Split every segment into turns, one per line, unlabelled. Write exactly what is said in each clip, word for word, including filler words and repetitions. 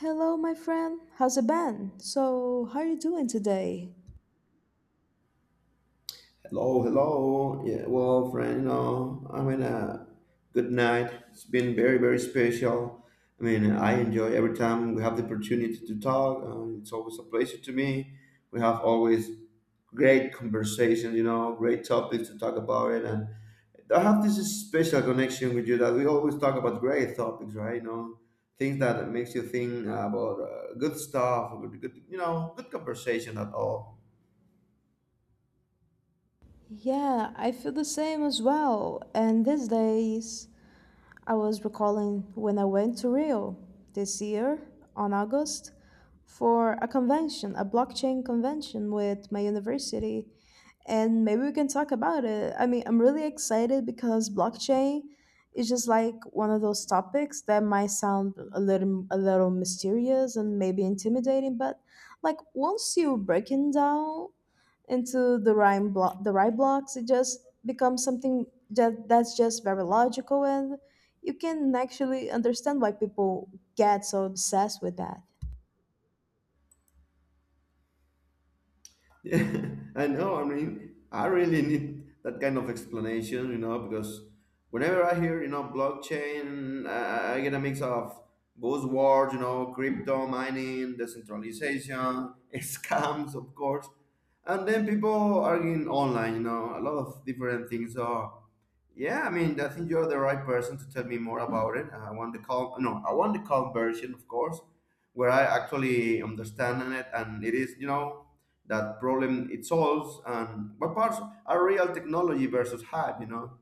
Hello, my friend. How's it been? So, how are you doing today?
Hello, hello. Yeah, well, friend, you know, I mean, uh, good night. It's been very, very special. I mean, I enjoy every time we have the opportunity to talk. Uh, it's always a pleasure to me. We have always great conversations, you know, great topics to talk about it. And I have this special connection with you that we always talk about great topics, right? You know, things that makes you think about uh, good stuff, good, good, you know, good conversation at all.
Yeah, I feel the same as well. And these days, I was recalling when I went to Rio this year on August for a convention, a blockchain convention with my university, and maybe we can talk about it. I mean, I'm really excited because blockchain is just like one of those topics that might sound a little a little mysterious and maybe intimidating, but like once you break it down into the right block the right blocks it just becomes something that that's just very logical and you can actually understand why people get so obsessed with that.
Yeah, I know. I mean, I really need that kind of explanation, you know, because whenever I hear, you know, blockchain, I, I get a mix of buzzwords, you know, crypto mining, decentralization, scams, of course, and then people arguing online, you know, a lot of different things. So yeah, I mean, I think you're the right person to tell me more about it. I want the calm, no, I want the calm version, of course, where I actually understand it, and it is, you know, that problem it solves, and what parts are real technology versus hype, you know.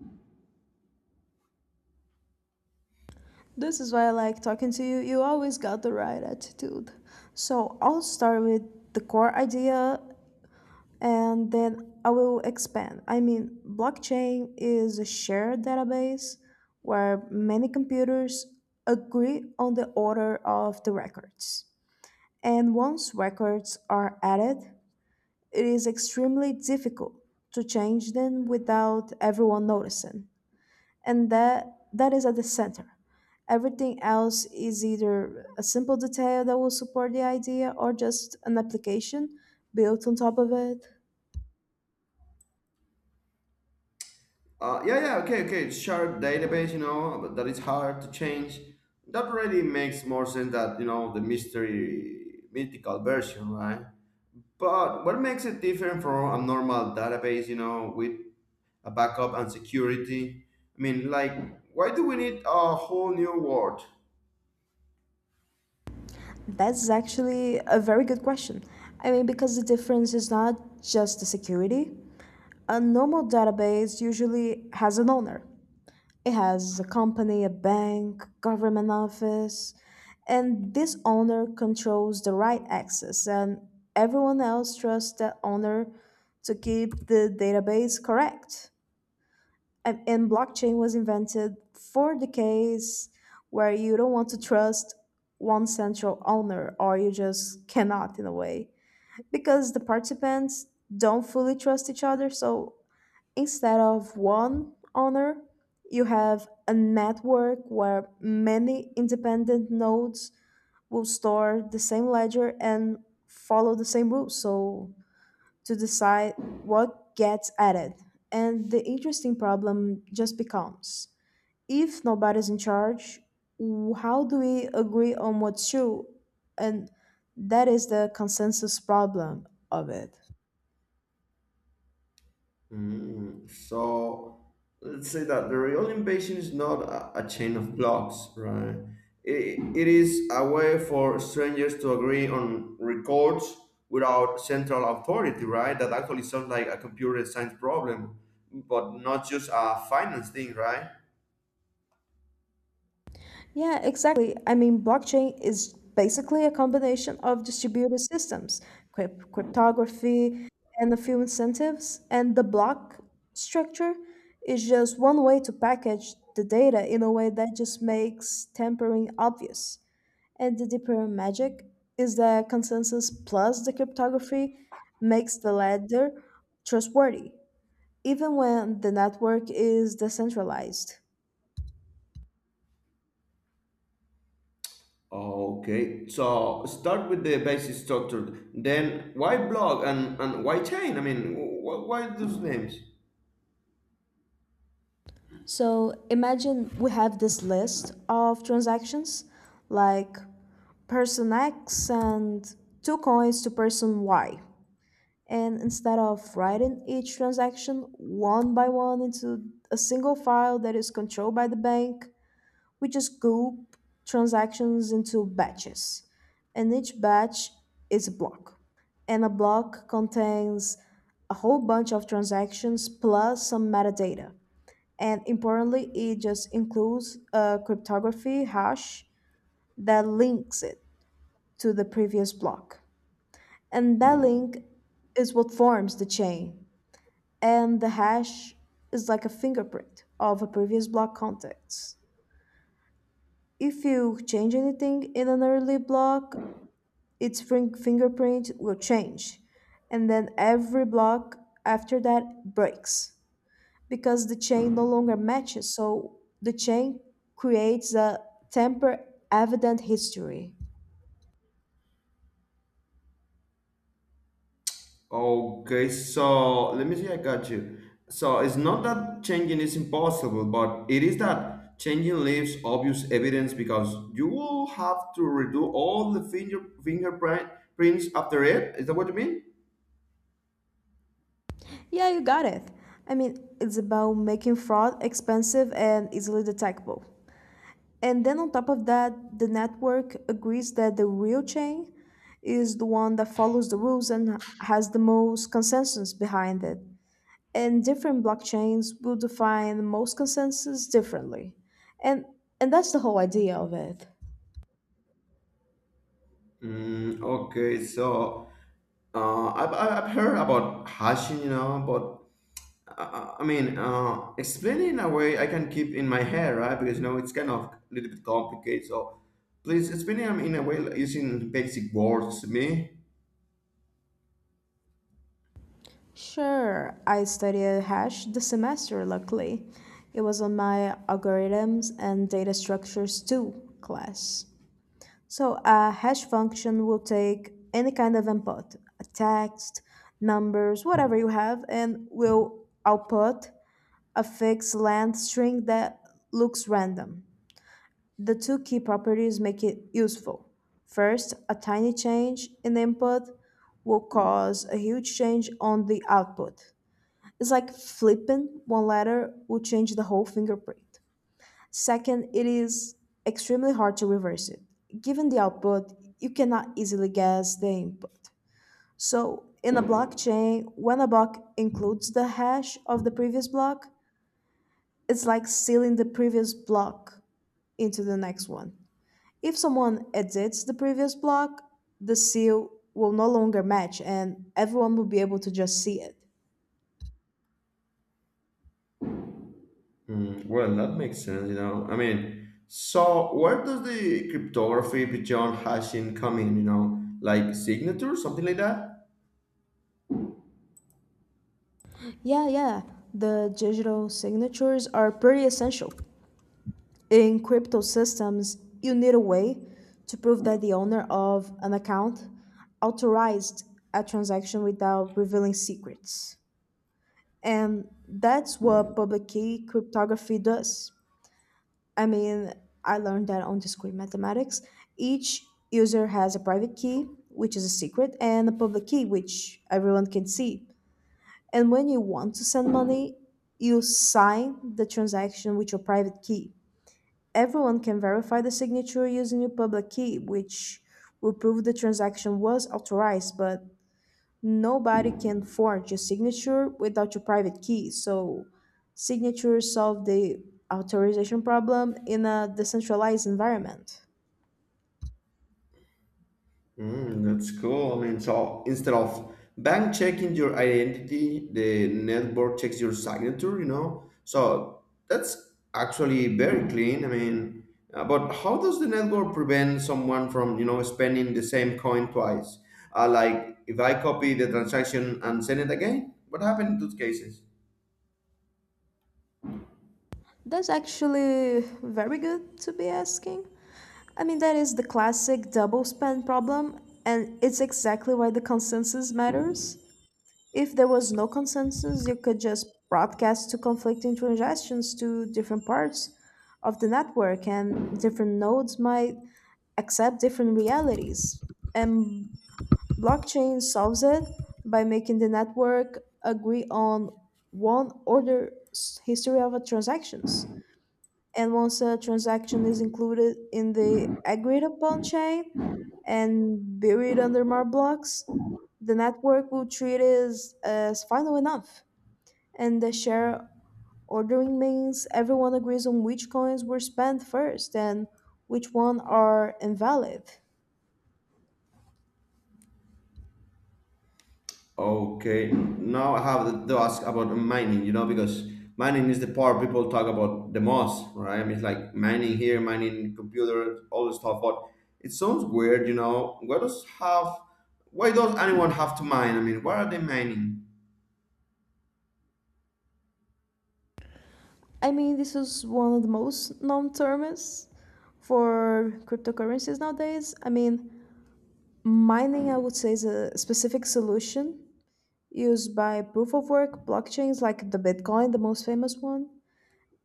This is why I like talking to you. You always got the right attitude. So I'll start with the core idea and then I will expand. I mean, blockchain is a shared database where many computers agree on the order of the records. And once records are added, it is extremely difficult to change them without everyone noticing. and that that is at the center. Everything else is either a simple detail that will support the idea or just an application built on top of it.
Uh, yeah, yeah, okay, okay, shared database, you know, but that is hard to change. That really makes more sense that you know the mystery mythical version, right? But what makes it different from a normal database, you know, with a backup and security. I mean, like, why do we need a whole new world?
That's actually a very good question. I mean, because the difference is not just the security. A normal database usually has an owner. It has a company, a bank, government office, and this owner controls the right access, and everyone else trusts that owner to keep the database correct. And, and blockchain was invented for the case where you don't want to trust one central owner, or you just cannot in a way, because the participants don't fully trust each other. So instead of one owner, you have a network where many independent nodes will store the same ledger and follow the same rules. So to decide what gets added. And the interesting problem just becomes if nobody's in charge, w- how do we agree on what's true? And that is the consensus problem of it.
Mm, so let's say that the real invasion is not a, a chain of blocks, right? It, it is a way for strangers to agree on records without central authority, right? That actually sounds like a computer science problem, but not just a finance thing, right?
Yeah, exactly. I mean, blockchain is basically a combination of distributed systems, cryp- cryptography, and a few incentives. And the block structure is just one way to package the data in a way that just makes tampering obvious. And the deeper magic is that consensus plus the cryptography makes the ledger trustworthy, even when the network is decentralized.
Okay, so start with the basic structure. Then why blog and, and why chain? I mean, wh- why those names?
So imagine we have this list of transactions like person X and two coins to person Y. And instead of writing each transaction one by one into a single file that is controlled by the bank, we just group transactions into batches. And each batch is a block. And a block contains a whole bunch of transactions plus some metadata, and importantly it just includes a cryptography hash that links it to the previous block, and that link is what forms the chain. And the hash is like a fingerprint of a previous block context. If you change anything in an early block, its fin- fingerprint will change, and then every block after that breaks because the chain no longer matches. So the chain creates a temper evident history.
Okay, so let me see. I got you. So it's not that changing is impossible, but it is that changing leaves obvious evidence because you will have to redo all the finger fingerprint prints after it. Is that what you mean?
Yeah, you got it. I mean, it's about making fraud expensive and easily detectable. And then on top of that, the network agrees that the real chain is the one that follows the rules and has the most consensus behind it. And different blockchains will define the most consensus differently. And and that's the whole idea of it.
Mm, okay, so uh, I've, I've I've heard about hashing, you know, but uh, I mean, uh, explain it in a way I can keep in my head, right? Because you know it's kind of a little bit complicated. So please explain it in a way like, using basic words to me.
Sure, I studied hash this semester, luckily. It was on my algorithms and data structures two class. So, a hash function will take any kind of input, a text, numbers, whatever you have, and will output a fixed length string that looks random. The two key properties make it useful. First, a tiny change in input will cause a huge change on the output. It's like flipping one letter will change the whole fingerprint. Second, it is extremely hard to reverse it. Given the output, you cannot easily guess the input. So, in a blockchain, when a block includes the hash of the previous block, it's like sealing the previous block into the next one. If someone edits the previous block, the seal will no longer match and everyone will be able to just see it.
Hmm, well, that makes sense. You know, I mean, so where does the cryptography beyond hashing come in? You know, like signature, something like that.
Yeah, yeah. The digital signatures are pretty essential. In crypto systems, you need a way to prove that the owner of an account authorized a transaction without revealing secrets. And that's what public key cryptography does. I mean, I learned that on discrete mathematics. Each user has a private key, which is a secret, and a public key, which everyone can see. And when you want to send money, you sign the transaction with your private key. Everyone can verify the signature using your public key, which will prove the transaction was authorized, but nobody can forge your signature without your private key. So, signatures solve the authorization problem in a decentralized environment.
Mm, that's cool. I mean, so instead of bank checking your identity, the network checks your signature, you know? So that's actually very clean. I mean, uh, but how does the network prevent someone from, you know, spending the same coin twice? Uh, like if I copy the transaction and send it again, what happened in those cases?
That's actually very good to be asking. I mean, that is the classic double spend problem, and it's exactly why the consensus matters. If there was no consensus, you could just broadcast two conflicting transactions to different parts of the network, and different nodes might accept different realities. And blockchain solves it by making the network agree on one order s- history of transactions, and once a transaction is included in the agreed upon chain and buried under more blocks, the network will treat it as, as final enough. And the share ordering means everyone agrees on which coins were spent first and which one are invalid.
Okay, now I have to ask about mining, you know, because mining is the part people talk about the most, right? I mean, it's like mining here, mining computer, all this stuff. But it sounds weird, you know. Why does have? Why does anyone have to mine? I mean, why are they mining?
I mean, this is one of the most known terms for cryptocurrencies nowadays. I mean, mining, I would say, is a specific solution used by proof of work blockchains like the Bitcoin, the most famous one.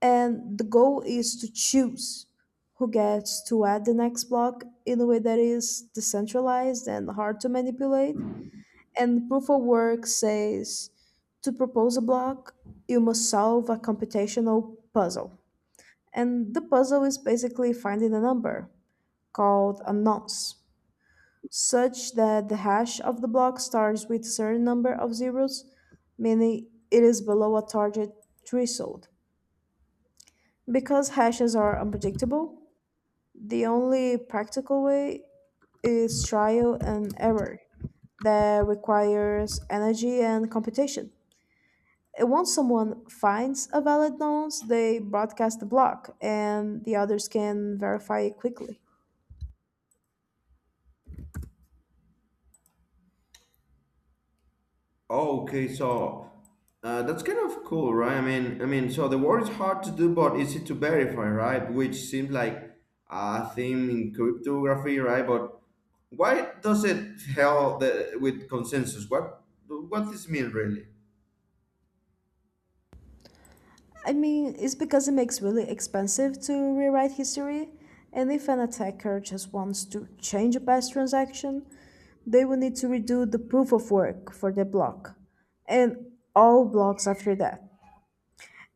And the goal is to choose who gets to add the next block in a way that is decentralized and hard to manipulate. And proof of work says to propose a block, you must solve a computational puzzle. And the puzzle is basically finding a number called a nonce such that the hash of the block starts with a certain number of zeros, meaning it is below a target threshold. Because hashes are unpredictable, the only practical way is trial and error that requires energy and computation. And once someone finds a valid nonce, they broadcast the block, and the others can verify it quickly.
Okay, so uh, that's kind of cool, right? I mean, I mean, so the word is hard to do, but easy to verify, right? Which seems like a theme in cryptography, right? But why does it help the, with consensus? What what this mean really?
I mean, it's because it makes really expensive to rewrite history, and if an attacker just wants to change a past transaction, they will need to redo the proof of work for the block, and all blocks after that.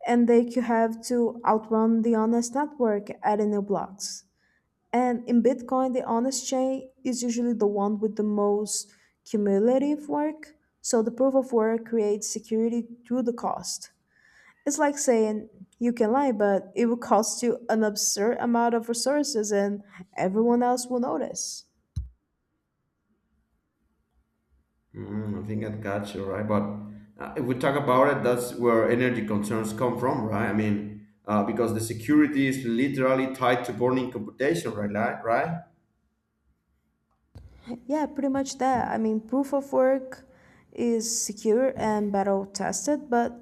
And they could have to outrun the honest network adding new blocks. And in Bitcoin, the honest chain is usually the one with the most cumulative work, so the proof of work creates security through the cost. It's like saying you can lie, but it will cost you an absurd amount of resources and everyone else will notice.
Mm, I think I got you right, but uh, if we talk about it, that's where energy concerns come from, right? I mean, uh, because the security is literally tied to burning computation, right? Like, right?
Yeah, pretty much that. I mean, proof of work is secure and battle tested, but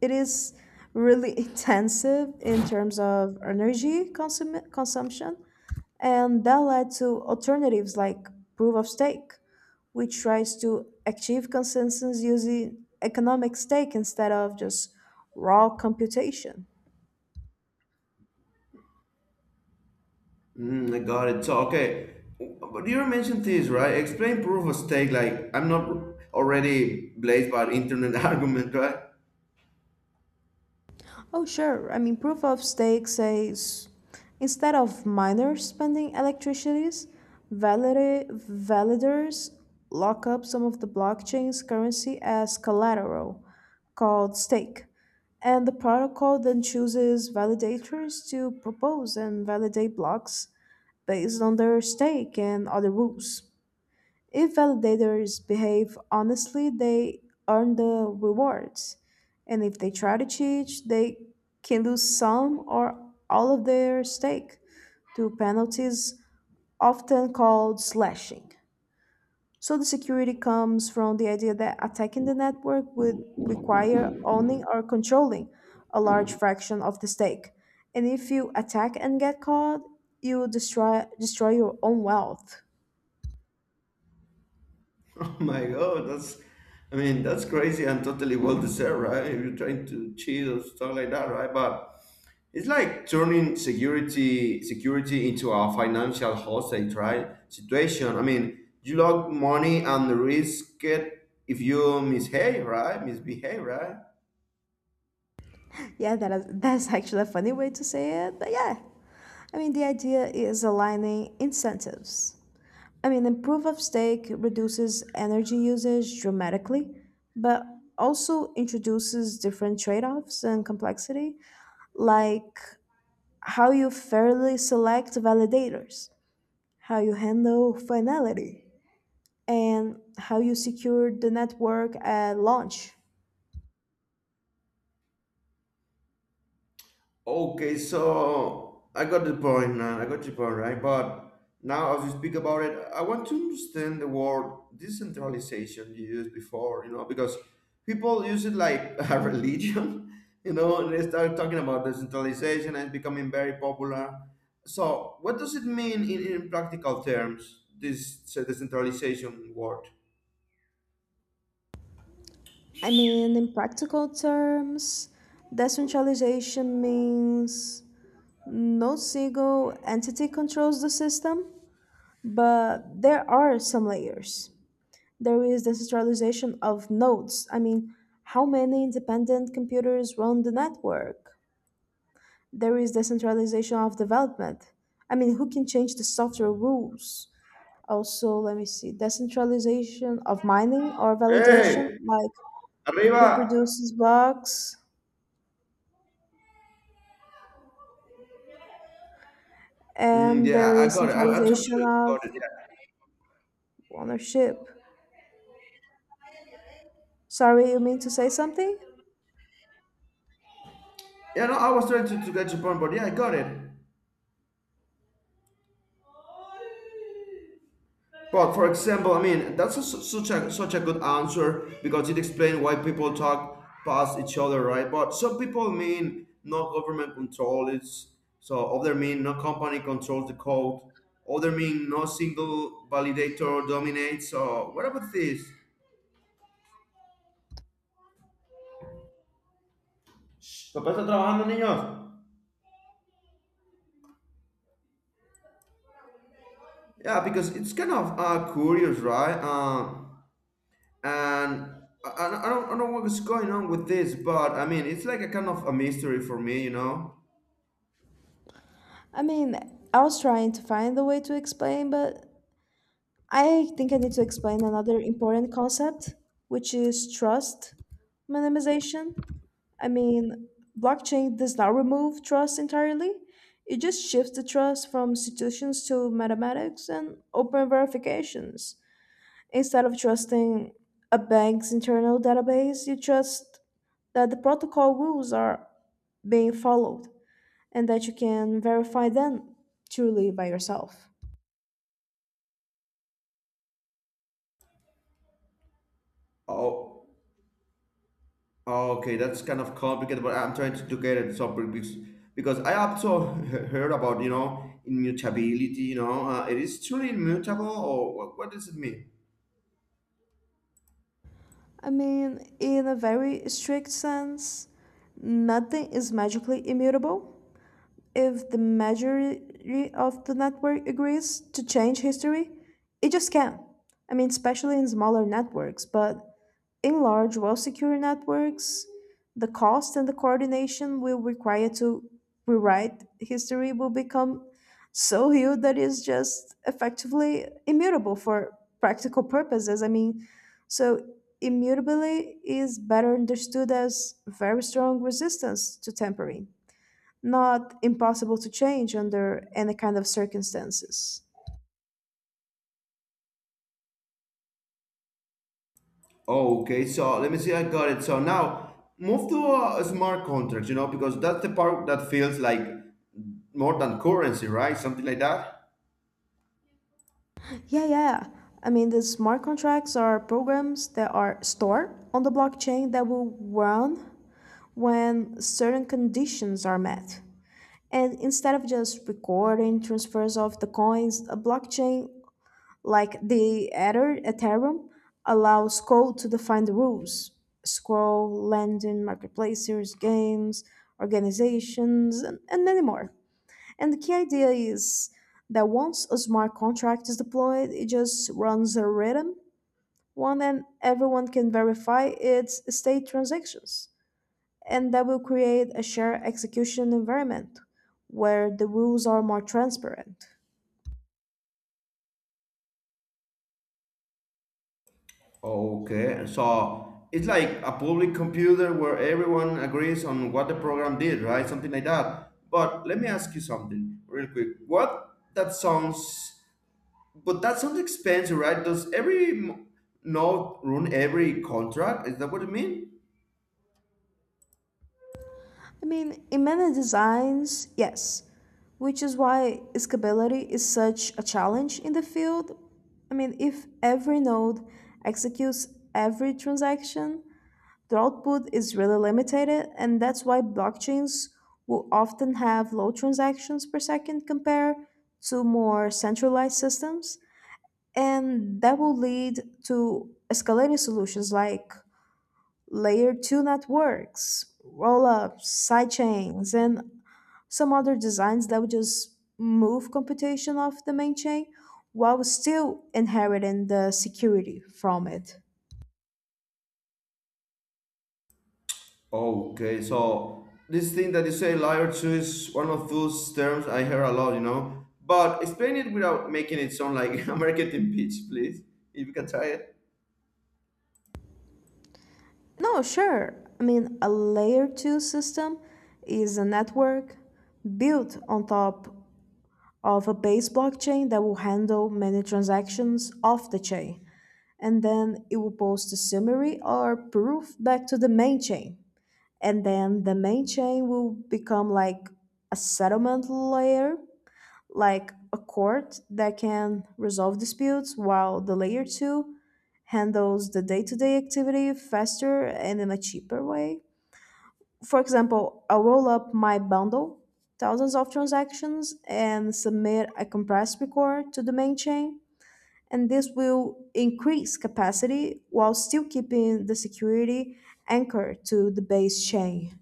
it is really intensive in terms of energy consum- consumption. And that led to alternatives like proof of stake, which tries to achieve consensus using economic stake instead of just raw computation.
Mm, I got it. So okay, but you mentioned this, right? Explain proof of stake. Like I'm not already blazed by internet argument, right?
Oh, sure. I mean, proof of stake says instead of miners spending electricities, valid- validators lock up some of the blockchain's currency as collateral, called stake. And the protocol then chooses validators to propose and validate blocks based on their stake and other rules. If validators behave honestly, they earn the rewards. And if they try to cheat, they can lose some or all of their stake to penalties, often called slashing. So the security comes from the idea that attacking the network would require owning or controlling a large fraction of the stake. And if you attack and get caught, you destroy destroy your own wealth.
Oh my God, that's, I mean, that's crazy and totally well deserved, right? If you're trying to cheat or stuff like that, right? But it's like turning security security into a financial hostage, right? Situation. I mean, you lock money and risk it if you misbehave, right? Misbehave, right?
Yeah, that is, that's actually a funny way to say it, but yeah. I mean, the idea is aligning incentives. I mean, and proof of stake reduces energy usage dramatically, but also introduces different trade offs and complexity, like how you fairly select validators, how you handle finality, and how you secure the network at launch.
Okay, so I got the point, man. I got your point, right? But now, as you speak about it, I want to understand the word decentralization you used before, you know, because people use it like a religion, you know, and they start talking about decentralization and it's becoming very popular. So, what does it mean in, in practical terms, this decentralization word?
I mean, in practical terms, decentralization means no single entity controls the system, but there are some layers. There is the centralization of nodes. I mean, how many independent computers run the network? There is the centralization of development. I mean, who can change the software rules? Also, let me see, decentralization of mining or validation,
Hey,
like who
arriba!
produces blocks,
Mm,
and there
yeah, I, I
is
got it. I, I'm sure
centralization
you
of
got it. Yeah.
ownership. Sorry, you mean to say something?
Yeah, no, I was trying to, to get your point, but yeah, I got it. But for example, I mean, that's a, su- such a such a good answer because it explains why people talk past each other, right? But some people mean no government control is, so other mean no company controls the code, other mean no single validator dominates. So what about this? Papá está trabajando, niños. Yeah, because it's kind of uh, curious, right? Um, and I, I, I don't, I don't know what's going on with this, but I mean, it's like a kind of a mystery for me, you know.
I mean, I was trying to find a way to explain, but I think I need to explain another important concept, which is trust minimization. I mean, blockchain does not remove trust entirely. It just shifts the trust from institutions to mathematics and open verifications. Instead of trusting a bank's internal database, you trust that the protocol rules are being followed and that you can verify them truly by yourself.
Oh, oh, okay, that's kind of complicated, but I'm trying to, to get it so because because I also he- heard about you know immutability, you know, uh, it is truly immutable, or what, what does it mean?
I mean, in a very strict sense, nothing is magically immutable. If the majority of the network agrees to change history, it just can. I mean, especially in smaller networks, but in large, well-secure networks, the cost and the coordination will require to rewrite history will become so huge that it's just effectively immutable for practical purposes. I mean, so immutability is better understood as very strong resistance to tampering, not impossible to change under any kind of circumstances.
Oh, okay, so let me see, I got it. So now move to a, a smart contract, you know, because that's the part that feels like more than currency, right? Something like that.
Yeah, yeah. I mean, the smart contracts are programs that are stored on the blockchain that will run when certain conditions are met. And instead of just recording transfers of the coins, a blockchain like the Ether, Ethereum allows code to define the rules. Scroll, lending, marketplaces, games, organizations, and, and many more. And the key idea is that once a smart contract is deployed, it just runs a rhythm, one that everyone can verify its state transactions. And that will create a shared execution environment where the rules are more transparent.
Okay, so it's like a public computer where everyone agrees on what the program did, right? Something like that. But let me ask you something real quick. What that sounds, but that sounds expensive, right? Does every m- node run every contract? Is that what you mean?
I mean, in many designs, yes, which is why scalability is such a challenge in the field. I mean, if every node executes every transaction, the output is really limited, and that's why blockchains will often have low transactions per second compared to more centralized systems. And that will lead to escalating solutions like layer two networks, roll ups, sidechains, and some other designs that would just move computation off the main chain while still inheriting the security from it.
Okay, so this thing that you say, layer two, is one of those terms I hear a lot, you know. But explain it without making it sound like a marketing pitch, please. If you can try it.
No, sure. I mean, a layer two system is a network built on top of a base blockchain that will handle many transactions off the chain. And then it will post a summary or proof back to the main chain. And then the main chain will become like a settlement layer, like a court that can resolve disputes, while the layer two handles the day to day activity faster and in a cheaper way. For example, I'll roll up my bundle, thousands of transactions, and submit a compressed record to the main chain. And this will increase capacity while still keeping the security anchored to the base chain.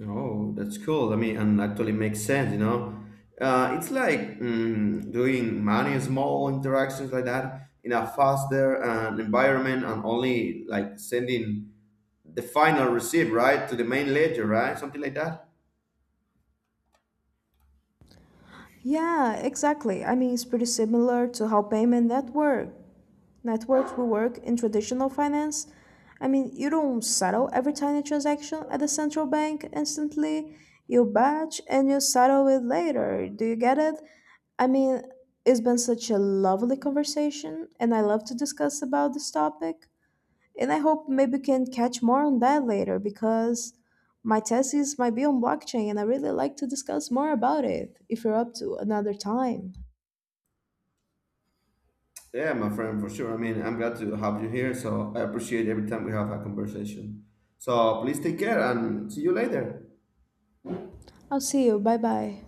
Oh, that's cool. I mean, and actually makes sense, you know. Uh, it's like mm, doing many small interactions like that in a faster uh, environment and only like sending the final receipt, right, to the main ledger, right? Something like that.
Yeah, exactly. I mean, it's pretty similar to how payment network networks will work in traditional finance. I mean, you don't settle every tiny transaction at the central bank instantly. You batch and you settle it later. Do you get it? I mean, it's been such a lovely conversation, and I love to discuss about this topic. And I hope maybe we can catch more on that later because my thesis might be on blockchain, and I really like to discuss more about it if you're up to another time.
Yeah, my friend, for sure. I mean, I'm glad to have you here. So I appreciate every time we have a conversation. So please take care and see you later.
I'll see you. Bye bye.